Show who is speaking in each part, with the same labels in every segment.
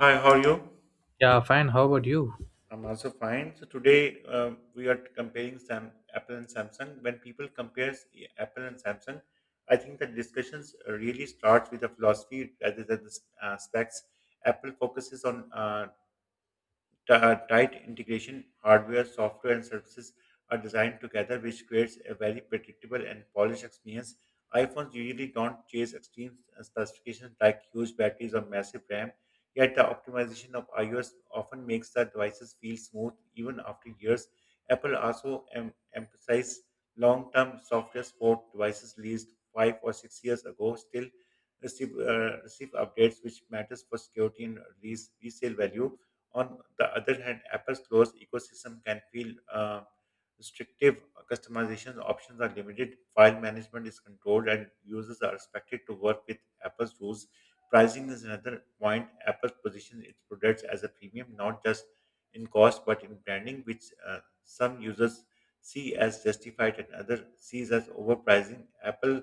Speaker 1: Hi, how are you?
Speaker 2: Yeah, fine. How about you?
Speaker 1: I'm also fine. So today we are comparing Sam, Apple and Samsung. When people compare Apple and Samsung, I think that discussions really starts with the philosophy rather than the specs. Apple focuses on tight integration, hardware, software, and services are designed together, which creates a very predictable and polished experience. iPhones usually don't chase extreme specifications like huge batteries or massive RAM, yet the optimization of iOS often makes the devices feel smooth even after years. Apple also emphasized long term software support devices released 5 or 6 years ago still receive updates, which matters for security and release resale value. On the other hand, Apple's closed ecosystem can feel restrictive. Customization options are limited. File management is controlled, and users are expected to work with Apple's rules. Pricing is another point. Apple positions its products as a premium, not just in cost but in branding, which some users see as justified and others sees as overpricing. Apple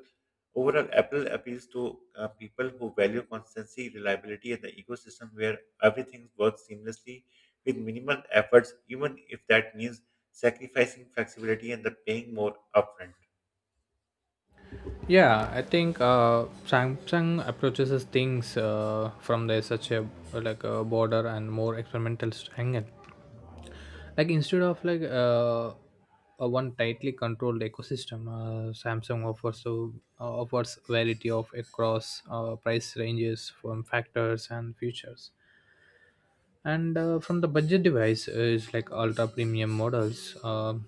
Speaker 1: Overall, Apple appeals to people who value consistency, reliability, and the ecosystem where everything works seamlessly with minimal efforts, even if that means sacrificing flexibility and the paying more upfront.
Speaker 2: Yeah, I think Samsung approaches things from their such a like a border and more experimental angle. Like instead of like a one tightly controlled ecosystem, Samsung offers variety of across price ranges from factors and features. And from the budget device is like ultra premium models,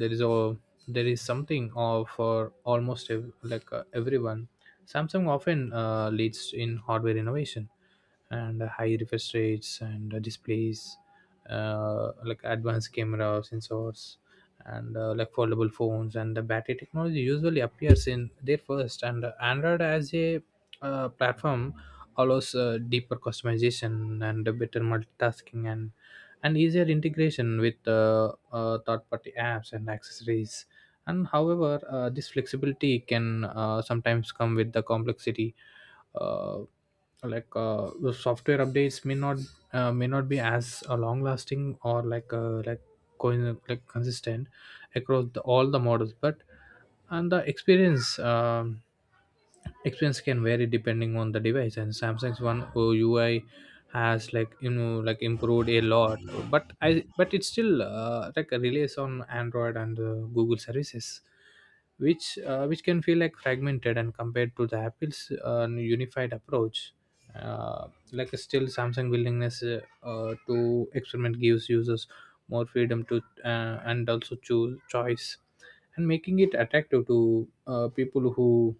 Speaker 2: there is a there is something for almost everyone. Samsung often leads in hardware innovation, and high refresh rates and displays, like advanced camera sensors, and like foldable phones and the battery technology usually appears in their first. And Android as a platform allows deeper customization and a better multitasking, and easier integration with third-party apps and accessories. And however, this flexibility can sometimes come with the complexity. Uh like the software updates may not be as long lasting, or like consistent across all the models, but and the experience can vary depending on the device. And Samsung's one OUI has, like like improved a lot, but it still like relies on Android and Google services, which which can feel like fragmented and compared to the Apple's unified approach. Like still Samsung willingness to experiment gives users more freedom to, and also choose choice, and making it attractive to people who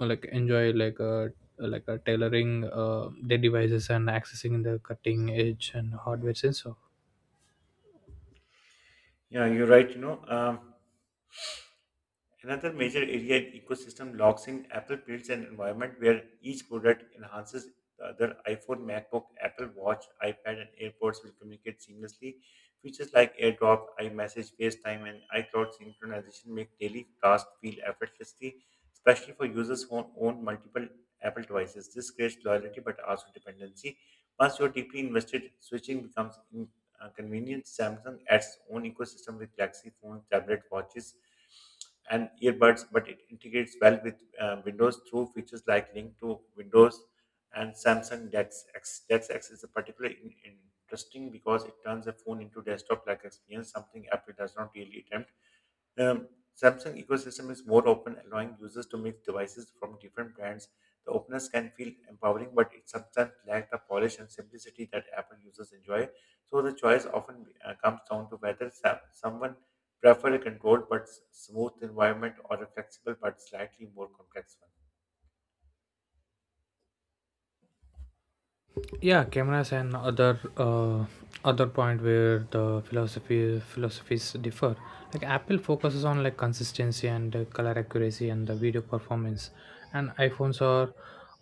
Speaker 2: like enjoy, tailoring their devices and accessing the cutting edge and hardware sensor.
Speaker 1: Yeah, you're right. Another major area in ecosystem logs in Apple builds an environment where each product enhances the other. iPhone, MacBook, Apple Watch, iPad, and AirPods will communicate seamlessly. Features like AirDrop, iMessage, FaceTime, and iCloud synchronization make daily tasks feel effortlessly, especially for users who own multiple Apple devices. This creates loyalty but also dependency. Once you're deeply invested, switching becomes convenience. Samsung adds own ecosystem with Galaxy phones, tablet watches, and earbuds, but it integrates well with Windows through features like Link to Windows and Samsung DeX. X. DeX X is particularly in, interesting because it turns a phone into desktop-like experience, something Apple does not really attempt. Um, Samsung ecosystem is more open, allowing users to mix devices from different brands. The openness can feel empowering, but it sometimes lacks the polish and simplicity that Apple users enjoy. So the choice often comes down to whether someone prefer a controlled but smooth environment or a flexible but slightly more complex one.
Speaker 2: Yeah, cameras and other point where the philosophy philosophies differ. Like Apple focuses on like consistency and color accuracy and the video performance. And iPhones are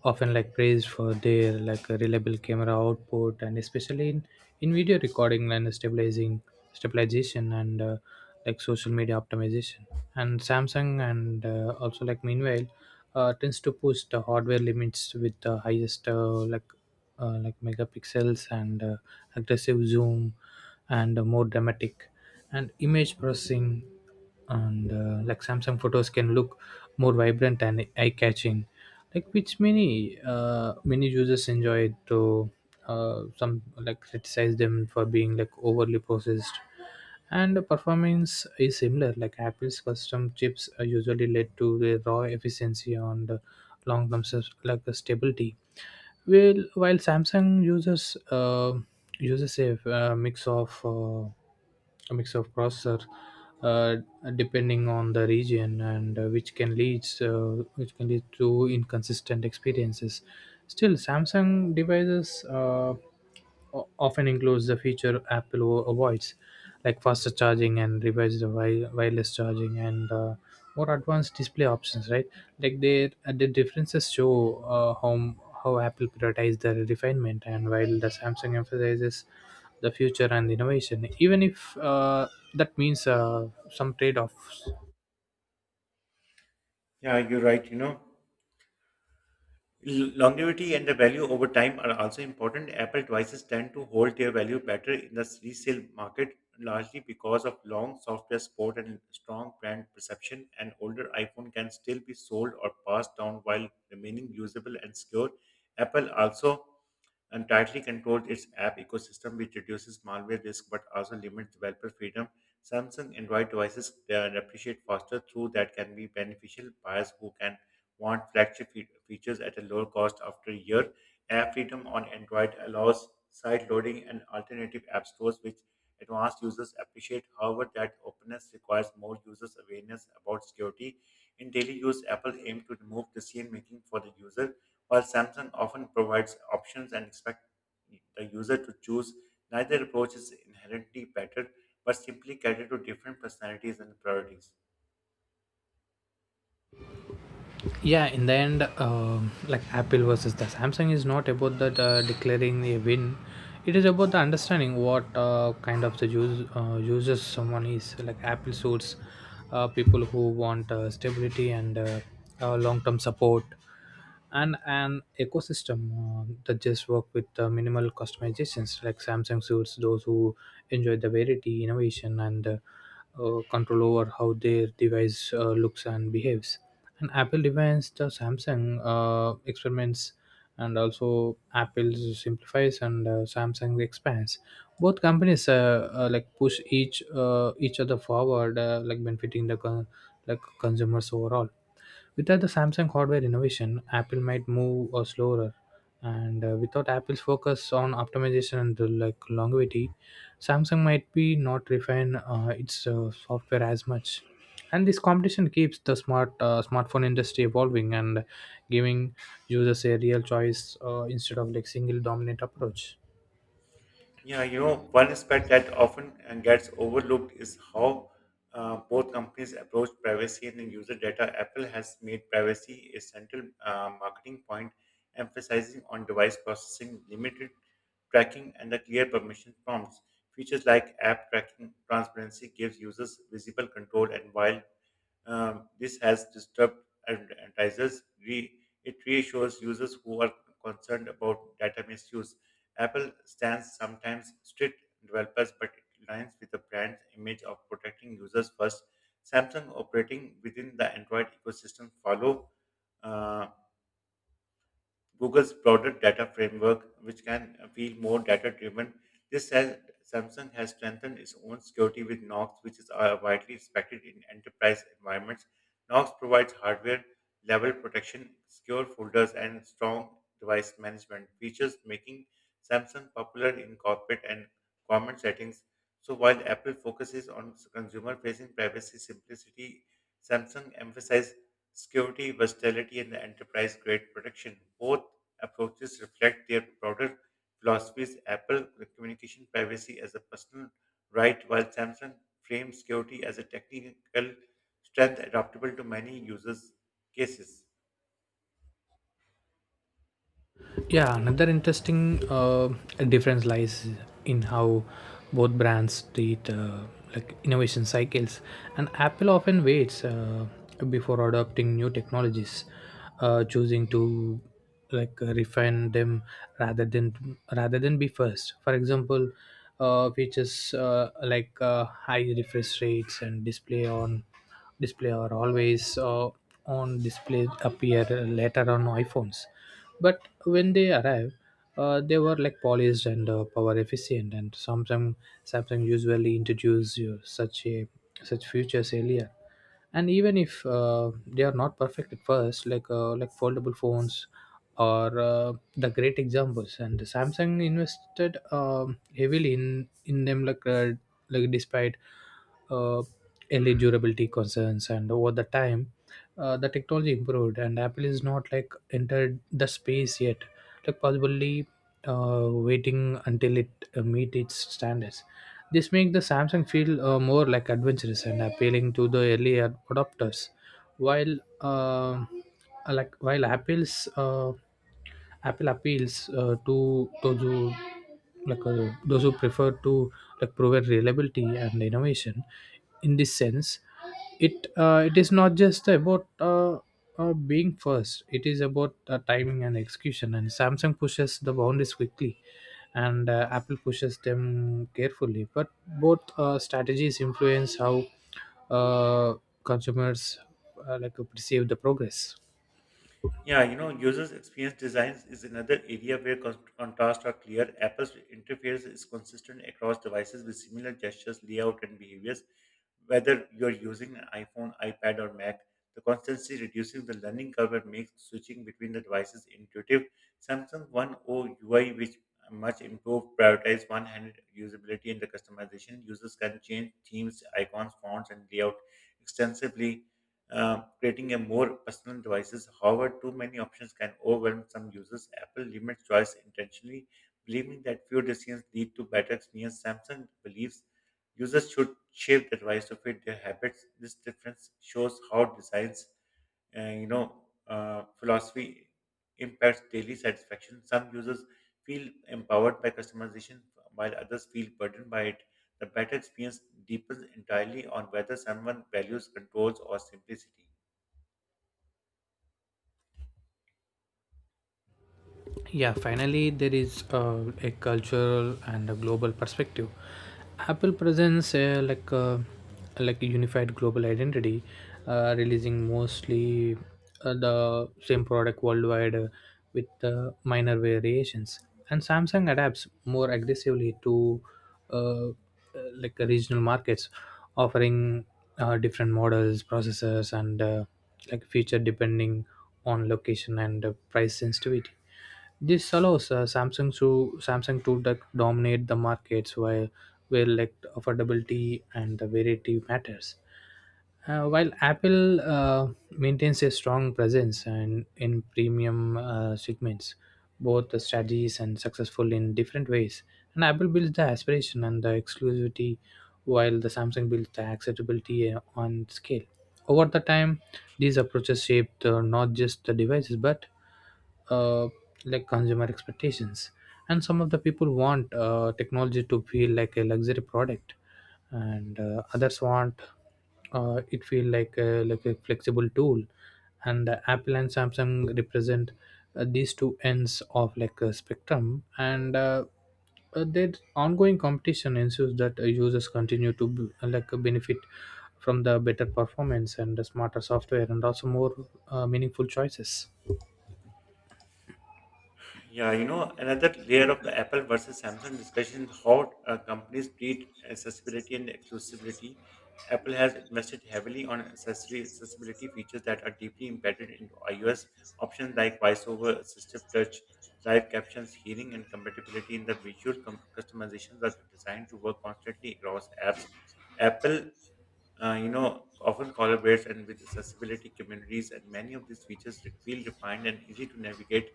Speaker 2: often like praised for their like reliable camera output, and especially in video recording and stabilizing stabilization and like social media optimization. And Samsung, and also like meanwhile, tends to push the hardware limits with the highest like megapixels, and aggressive zoom, and more dramatic and image processing. And like Samsung photos can look more vibrant and eye catching, like, which many users enjoy it, though some like criticize them for being like overly processed. And the performance is similar. Like Apple's custom chips are usually led to the raw efficiency on the long term, like the stability. Well, while Samsung uses uh, mix of uh, a mix of crosser, uh, depending on the region, and which can lead to inconsistent experiences. Still, Samsung devices often includes the feature Apple avoids, like faster charging and revised wireless charging, and more advanced display options, right, like the differences show how Apple prioritizes the refinement, and while the Samsung emphasizes the future and innovation, even if that means some trade-offs.
Speaker 1: Yeah, you're right. Longevity and the value over time are also important. Apple devices tend to hold their value better in the resale market, largely because of long software support and strong brand perception. An older iPhone can still be sold or passed down while remaining usable and secure. Apple also and tightly controls its app ecosystem, which reduces malware risk but also limits developer freedom. Samsung Android devices appreciate faster through that can be beneficial buyers who can want flagship features at a lower cost after a year. App freedom on Android allows side loading and alternative app stores, which advanced users appreciate. However, that openness requires more users' awareness about security. In daily use, Apple aims to remove decision making for the user while Samsung often provides options and expects the user to choose, neither approach is inherently better, but simply cater to different personalities and priorities.
Speaker 2: Yeah, in the end, like Apple versus the Samsung is not about that declaring a win. It is about the understanding what kind of the users someone is. Like Apple suits people who want stability, and long-term support, and an ecosystem that just work with minimal customizations. Like Samsung suits those who enjoy the variety innovation, and control over how their device looks and behaves. And Apple defines, the Samsung experiments. And also Apple simplifies, and Samsung expands. Both companies like push each other forward, like benefiting the like consumers overall. Without the Samsung hardware innovation, Apple might move or slower. And without Apple's focus on optimization and like longevity, Samsung might be not refine its software as much. And this competition keeps the smartphone industry evolving, and giving users a real choice, instead of like single dominant approach.
Speaker 1: Yeah, one aspect that often gets overlooked is how both companies approach privacy and the user data. Apple has made privacy a central marketing point, emphasizing on device processing, limited tracking, and the clear permission prompts. Features like app tracking transparency gives users visible control, and while this has disturbed advertisers. It reassures users who are concerned about data misuse. Apple stands sometimes strict developers, but it aligns with the brand's image of protecting users first. Samsung operating within the Android ecosystem follow uh, Google's broader data framework, which can feel more data driven. This says Samsung has strengthened its own security with Knox, which is widely respected in enterprise environments. Knox provides hardware level protection, secure folders, and strong device management features, making Samsung popular in corporate and government settings. So while Apple focuses on consumer facing privacy simplicity, Samsung emphasizes security, versatility, and enterprise grade protection. Both approaches reflect their broader philosophies. Apple communication privacy as a personal right, while Samsung frames security as a technical strength adaptable to many users' cases.
Speaker 2: Yeah, another interesting difference lies in how both brands treat, like innovation cycles. And Apple often waits before adopting new technologies, choosing to, refine them, rather than be first. For example, features, like high refresh rates and display, or always on display appear later on iPhones. But when they arrive, they were like polished and power efficient. And Samsung usually introduce you such features earlier. And even if they are not perfect at first, like foldable phones or the great examples. And Samsung invested, heavily in them, like despite uh, early durability concerns. And over the time, the technology improved, and Apple is not like entered the space yet, like possibly waiting until it meet its standards. This makes the Samsung feel, more like adventurous and appealing to the early adopters, while uh, while Apple's, Apple appeals to the like those who prefer to like provide reliability and innovation. In this sense, it is not just about being first. It is about timing and execution. And Samsung pushes the boundaries quickly, and Apple pushes them carefully. But both strategies influence how uh, consumers perceive the progress.
Speaker 1: Yeah, users experience designs is another area where contrasts are clear. Apple's interface is consistent across devices with similar gestures, layout, and behaviors. Whether you're using an iPhone, iPad, or Mac, the constancy reduces the learning curve and makes switching between the devices intuitive. Samsung One UI, which much improved, prioritizes one-handed usability and the customization. Users can change themes, icons, fonts, and layout extensively, creating a more personal devices. However, too many options can overwhelm some users. Apple limits choice intentionally, believing that fewer decisions lead to better experience. Samsung believes users should shape the device to fit their habits. This difference shows how designs philosophy impacts daily satisfaction. Some users feel empowered by customization, while others feel burdened by it. The better experience depends entirely on whether someone values controls or simplicity.
Speaker 2: Yeah, finally, there is a cultural and a global perspective. Apple presents, like a unified global identity, releasing mostly the same product worldwide, with minor variations. And Samsung adapts more aggressively to uh, uh, regional markets, offering different models, processors, and like feature depending on location and price sensitivity. This allows Samsung to dominate the markets, while where like affordability and the variety matters. While Apple maintains a strong presence and in premium segments, both the strategies and successful in different ways, and Apple builds the aspiration and the exclusivity, while the Samsung builds the acceptability on scale. Over the time, these approaches shaped not just the devices but uh, like consumer expectations. And some of the people want technology to feel like a luxury product, and others want it feel like like a flexible tool. And Apple and Samsung represent, these two ends of like a spectrum. And their ongoing competition ensures that users continue to benefit from the better performance and the smarter software, and also more meaningful choices.
Speaker 1: Yeah, another layer of the Apple versus Samsung discussion is how companies treat accessibility and exclusivity. Apple has invested heavily on accessory accessibility features that are deeply embedded in iOS options like voiceover, assistive touch, live captions, hearing, and compatibility in the visual customizations are designed to work constantly across apps. Apple often collaborates and with accessibility communities, and many of these features feel refined and easy to navigate.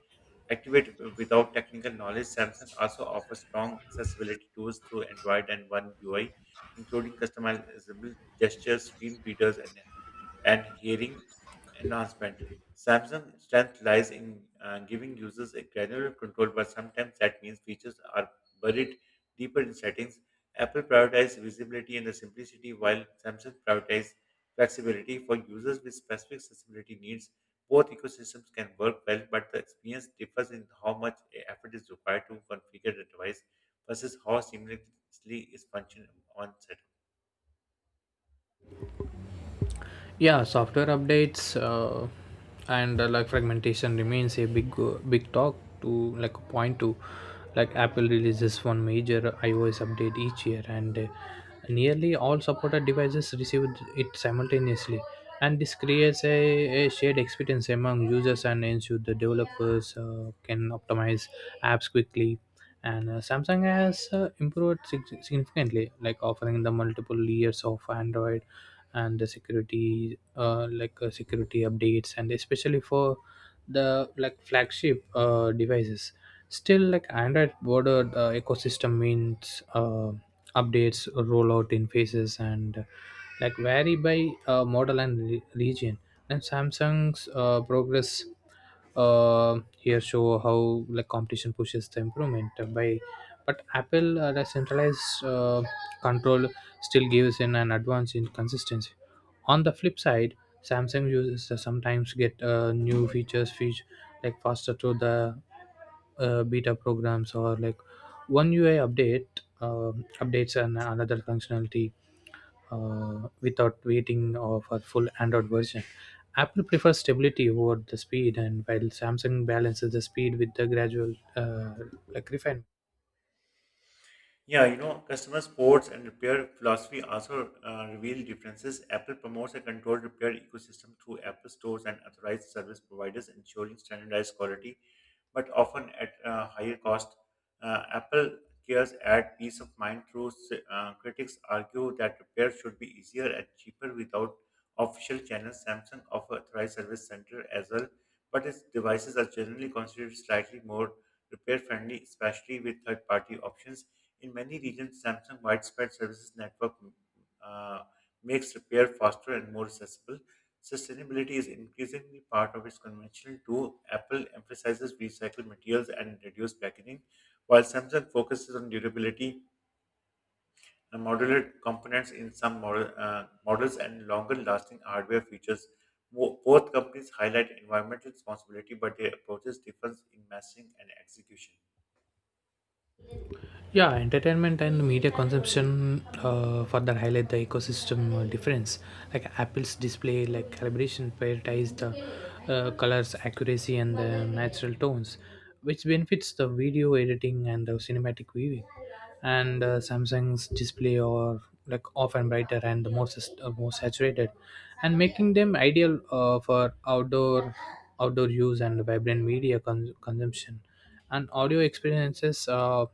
Speaker 1: Activate without technical knowledge, Samsung also offers strong accessibility tools through Android and One UI, including customizable gestures, screen readers, and hearing enhancement. Samsung's strength lies in giving users a granular control, but sometimes that means features are buried deeper in settings. Apple prioritized visibility and the simplicity, while Samsung prioritized flexibility for users with specific accessibility needs. Both ecosystems can work well, but the experience differs in how much effort is required to configure the device versus how seamlessly its function on set.
Speaker 2: Yeah, software updates and like fragmentation remains a big talk to like point to. Like Apple releases one major iOS update each year, and nearly all supported devices receive it simultaneously. And this creates a shared experience among users and ensure the developers can optimize apps quickly. And Samsung has improved significantly, like offering the multiple layers of Android and the security, security updates, and especially for the like flagship devices. Still, like Android border ecosystem means updates rollout in phases and like vary by model and region. And Samsung's progress here show how like competition pushes the improvement by. But Apple, the centralized control still gives in an advance in consistency. On the flip side, Samsung users sometimes get new feature like faster through the beta programs, or like one UI updates and another functionality, without waiting for full Android version. Apple prefers stability over the speed, and while Samsung balances the speed with the gradual, like refinement.
Speaker 1: Yeah, customer supports and repair philosophy also reveal differences. Apple promotes a controlled repair ecosystem through Apple stores and authorized service providers, ensuring standardized quality, but often at a higher cost. Apple cares at peace of mind through critics argue that repair should be easier and cheaper without official channels. Samsung offer authorized service center as well, but its devices are generally considered slightly more repair friendly, especially with third party options. In many regions, Samsung widespread services network uh, makes repair faster and more accessible. Sustainability is increasingly part of its conventional too. Apple emphasizes recycled materials and reduced packaging, while Samsung focuses on durability and modular components in some models and longer-lasting hardware features. Both companies highlight environmental responsibility, but their approaches differ in messaging and execution.
Speaker 2: Yeah, entertainment and media consumption further highlight the ecosystem difference. Like Apple's display like calibration prioritize the colors accuracy and the natural tones, which benefits the video editing and the cinematic viewing. And Samsung's display are like often brighter and the more saturated, and making them ideal for outdoor use and vibrant media consumption. And audio experiences,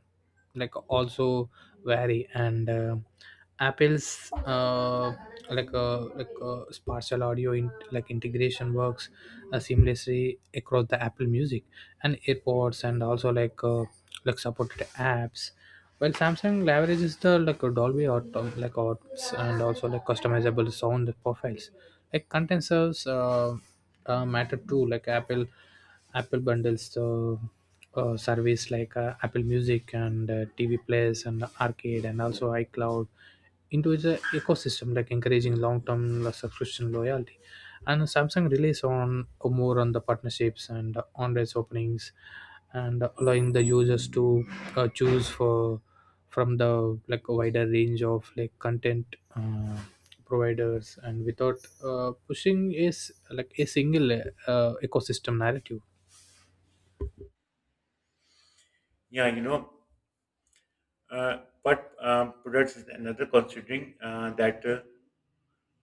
Speaker 2: like also vary. And Apple's uh, spatial audio like integration works seamlessly across the Apple Music and AirPods, and also like supported apps. While Samsung leverages the like, Dolby or like auds, and also like customizable sound profiles. Like content serves, matter too. Like Apple bundles the service, like Apple Music and TV Plays and Arcade and also iCloud into its ecosystem, like encouraging long-term subscription loyalty. And Samsung relies on, more on the partnerships and on-race openings, and allowing the users to choose for from the like wider range of like content uh, providers, and without pushing is like a single ecosystem narrative.
Speaker 1: Yeah, but products is another considering that uh,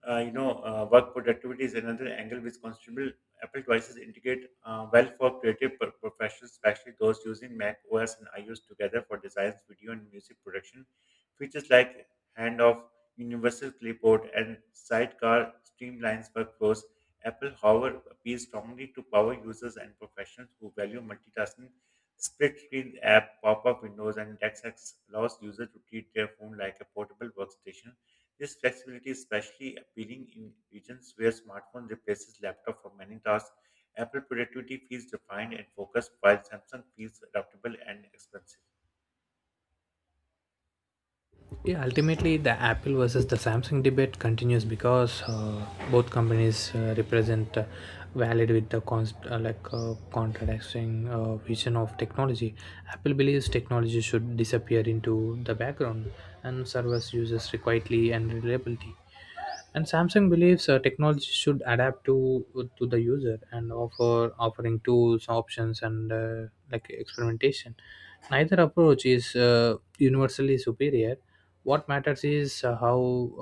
Speaker 1: uh, you know, uh, work productivity is another angle which Constable Apple devices integrate well for creative professionals, especially those using Mac OS and iOS together for designs, video, and music production. Features like handoff, universal clipboard, and sidecar streamlines workflows. Apple, however, appeals strongly to power users and professionals who value multitasking. Split screen app, pop up windows, and text allows users to treat their phone like a portable workstation. This flexibility is especially appealing in regions where smartphone replaces laptop for many tasks. Apple productivity feels defined and focused, while Samsung feels adaptable and expensive.
Speaker 2: Yeah, ultimately, the Apple versus the Samsung debate continues because both companies represent valid with the contradicting vision of technology. Apple believes technology should disappear into the background and serve as users quietly and reliability, and Samsung believes technology should adapt to the user and offering tools, options, and like experimentation. Neither approach is universally superior. What matters is how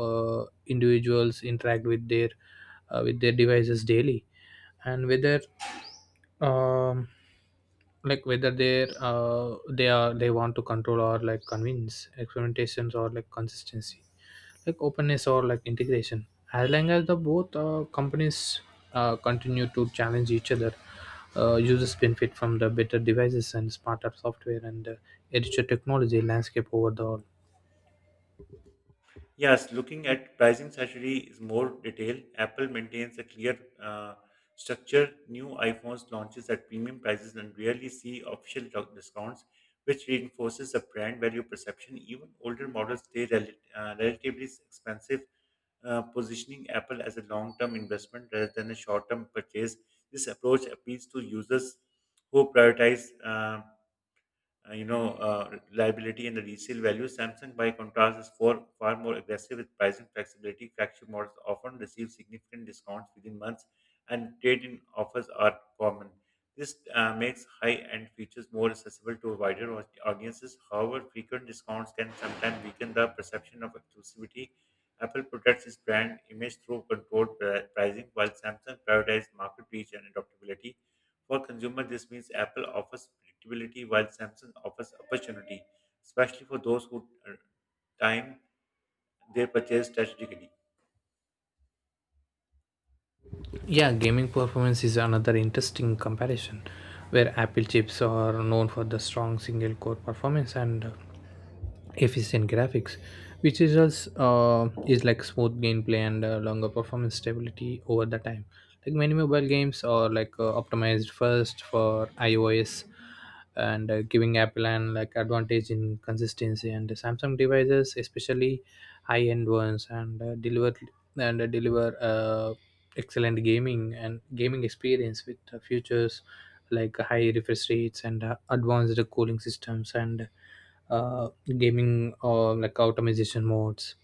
Speaker 2: individuals interact with their devices daily, and whether um whether they're they are they want to control or like convince experimentations or like consistency, like openness or like integration, as long as the both companies continue to challenge each other. Users benefit from the better devices and smarter software and a richer technology landscape overall.
Speaker 1: Yes, looking at pricing strategy is more detail. Apple maintains a clear structure. New iPhones launches at premium prices and rarely see official discounts, which reinforces the brand value perception. Even older models stay relatively expensive, positioning Apple as a long term investment rather than a short term purchase. This approach appeals to users who prioritize reliability and the resale value. Samsung, by contrast, is far more aggressive with pricing flexibility. Flagship models often receive significant discounts within months, and trade-in offers are common. This makes high-end features more accessible to wider audiences. However, frequent discounts can sometimes weaken the perception of exclusivity. Apple protects its brand image through controlled pricing, while Samsung prioritizes market reach and adaptability. For consumer, this means Apple offers predictability while Samsung offers opportunity, especially for those who time their purchase strategically.
Speaker 2: Yeah, gaming performance is another interesting comparison where Apple chips are known for the strong single core performance and efficient graphics, which results is like smooth gameplay and longer performance stability over the time. Like many mobile games are like optimized first for iOS, and giving Apple an like advantage in consistency. And the Samsung devices, especially high end ones, and deliver excellent gaming and gaming experience with features like high refresh rates and advanced cooling systems and uh, gaming or like automation modes.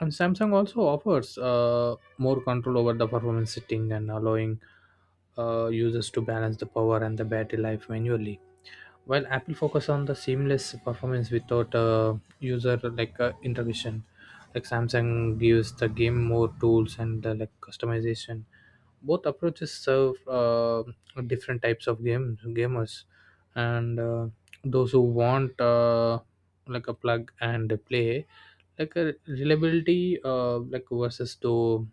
Speaker 2: And Samsung also offers more control over the performance setting and allowing users to balance the power and the battery life manually, while Apple focus on the seamless performance without user like intervention. Like Samsung gives the game more tools and like customization. Both approaches serve different types of games gamers, and those who want like a plug and play, like a reliability like versus though,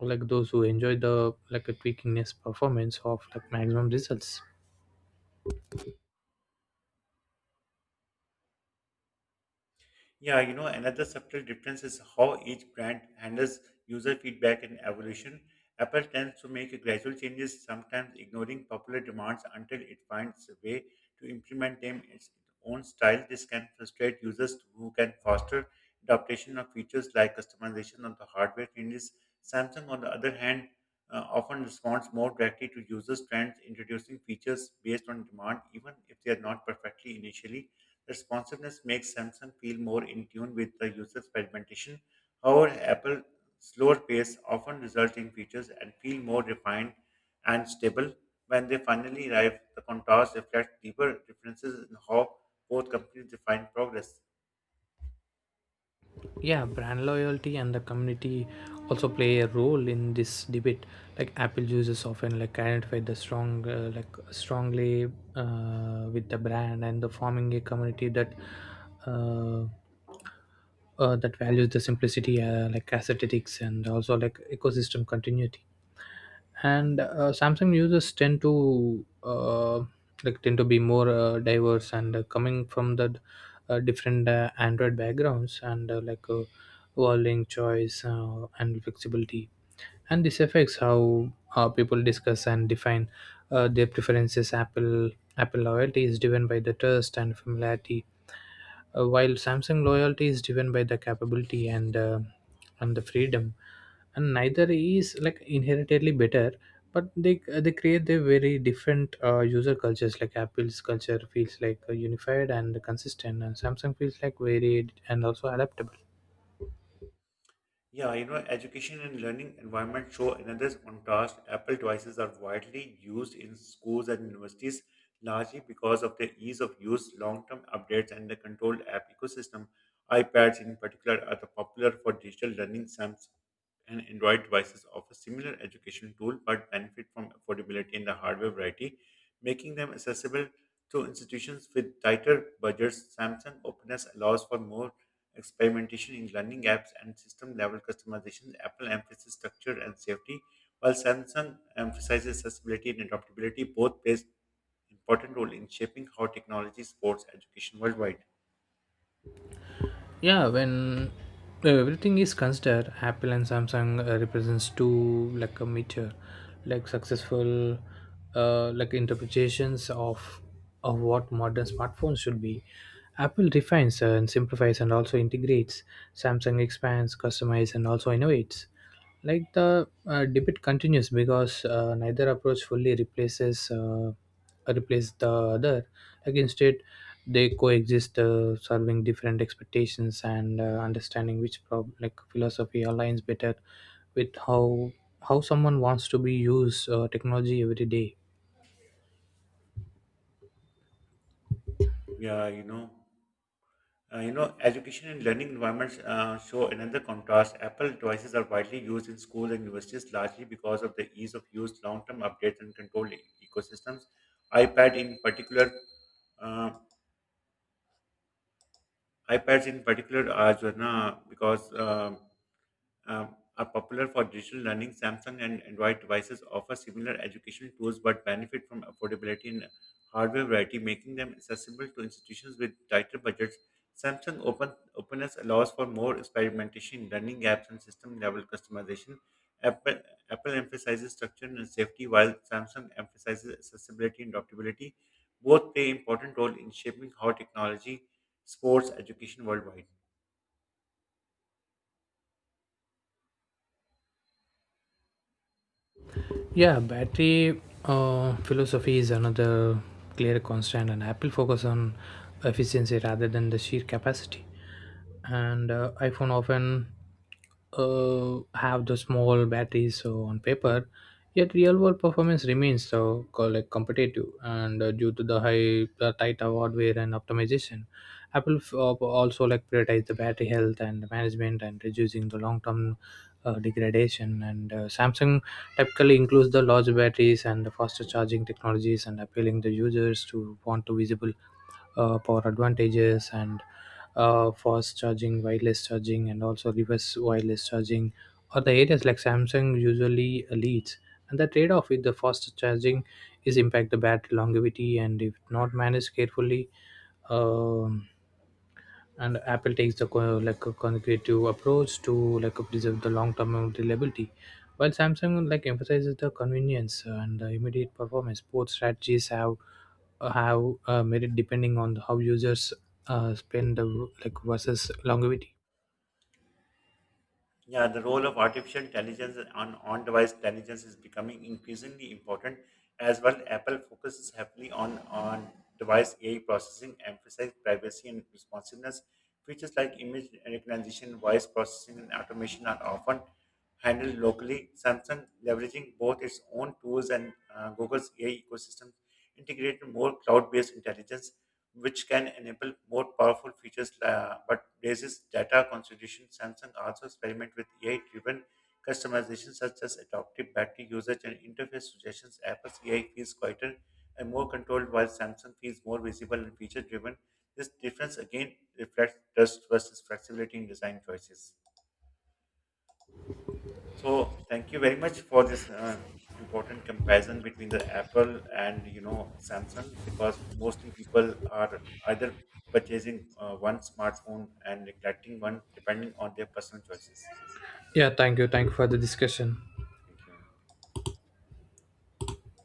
Speaker 2: like those who enjoy the like a tweakiness performance of like maximum results.
Speaker 1: Yeah, another subtle difference is how each brand handles user feedback and evolution. Apple tends to make gradual changes, sometimes ignoring popular demands until it finds a way to implement them in its own style. This can frustrate users who can foster adaptation of features like customization of the hardware changes. Samsung, on the other hand, often responds more directly to users' trends, introducing features based on demand, even if they are not perfectly initially. Responsiveness makes Samsung feel more in tune with the user's fragmentation. However, Apple's slower pace often results in features and feel more refined and stable. When they finally arrive, the contours reflect deeper differences in how both companies define progress.
Speaker 2: Yeah, brand loyalty and the community also play a role in this debate. Like Apple users often like identify the strongly with the brand and the forming a community that uh, that values the simplicity, like aesthetics and also like ecosystem continuity. And Samsung users tend to be more diverse and coming from the different Android backgrounds and volume choice and flexibility. And this affects how people discuss and define their preferences. Apple loyalty is driven by the trust and familiarity, while Samsung loyalty is driven by the capability and the freedom. And neither is like inherently better, but they create their very different user cultures. Like Apple's culture feels like unified and consistent, and Samsung feels like varied and also adaptable.
Speaker 1: Yeah, education and learning environment show another contrast. Apple devices are widely used in schools and universities, largely because of their ease of use, long-term updates, and the controlled app ecosystem. iPads, in particular, are the popular for digital learning. Samsung and Android devices offer similar education tool but benefit from affordability in the hardware variety, making them accessible to institutions with tighter budgets. Samsung openness allows for more experimentation in learning apps and system level customization. Apple emphasizes structure and safety, while Samsung emphasizes accessibility and adaptability. Both plays important role in shaping how technology supports education worldwide.
Speaker 2: Yeah, when everything is considered, Apple and Samsung represents two like a mature, like successful, like interpretations of what modern smartphones should be. Apple refines and simplifies and also integrates; Samsung expands, customizes, and also innovates. Like the debate continues because neither approach fully replace the other. Like instead, they coexist, serving different expectations and understanding which philosophy aligns better with how someone wants to be used technology every day.
Speaker 1: Yeah. Education and learning environments show another contrast. Apple devices are widely used in schools and universities largely because of the ease of use, long term updates, and controlled ecosystems. iPad, in particular, uh, iPads in particular, are Jhana, because are popular for digital learning. Samsung and Android devices offer similar educational tools but benefit from affordability and hardware variety, making them accessible to institutions with tighter budgets. Samsung openness allows for more experimentation, learning gaps, and system level customization. Apple, Apple emphasizes structure and safety, while Samsung emphasizes accessibility and adaptability. Both play important role in shaping how technology supports education worldwide.
Speaker 2: Yeah, battery philosophy is another clear constant, and Apple focus on efficiency rather than the sheer capacity. And iPhone often have the small batteries so on paper, yet real world performance remains competitive and due to the high the tight hardware and optimization. Apple also like prioritize the battery health and management and reducing the long term degradation. And Samsung typically includes the large batteries and the faster charging technologies and appealing the users to want to visible power advantages. And fast charging, wireless charging, and also reverse wireless charging are the areas like Samsung usually leads. And the trade-off with the fast charging is impact the battery longevity, and if not managed carefully, um and Apple takes the a conservative approach to like preserve the long term reliability, while Samsung like emphasizes the convenience and the immediate performance. Both strategies have merit depending on how users spend the, like versus longevity.
Speaker 1: Yeah, the role of artificial intelligence on on-device intelligence is becoming increasingly important as well. Apple focuses heavily on on-device AI processing, emphasizing privacy and responsiveness. Features like image recognition, voice processing, and automation are often handled locally. Samsung, leveraging both its own tools and Google's AI ecosystem, integrated more cloud-based intelligence, which can enable more powerful features, but raises data consideration. Samsung also experiment with AI-driven customization, such as adaptive battery usage and interface suggestions. Apple's AI feels quieter and more controlled, while Samsung feels more visible and feature-driven. This difference again reflects trust versus flexibility in design choices. So thank you very much for this important comparison between the Apple and Samsung because mostly people are either purchasing one smartphone and neglecting one depending on their personal choices.
Speaker 2: Yeah, thank you for the discussion.
Speaker 1: Thank you.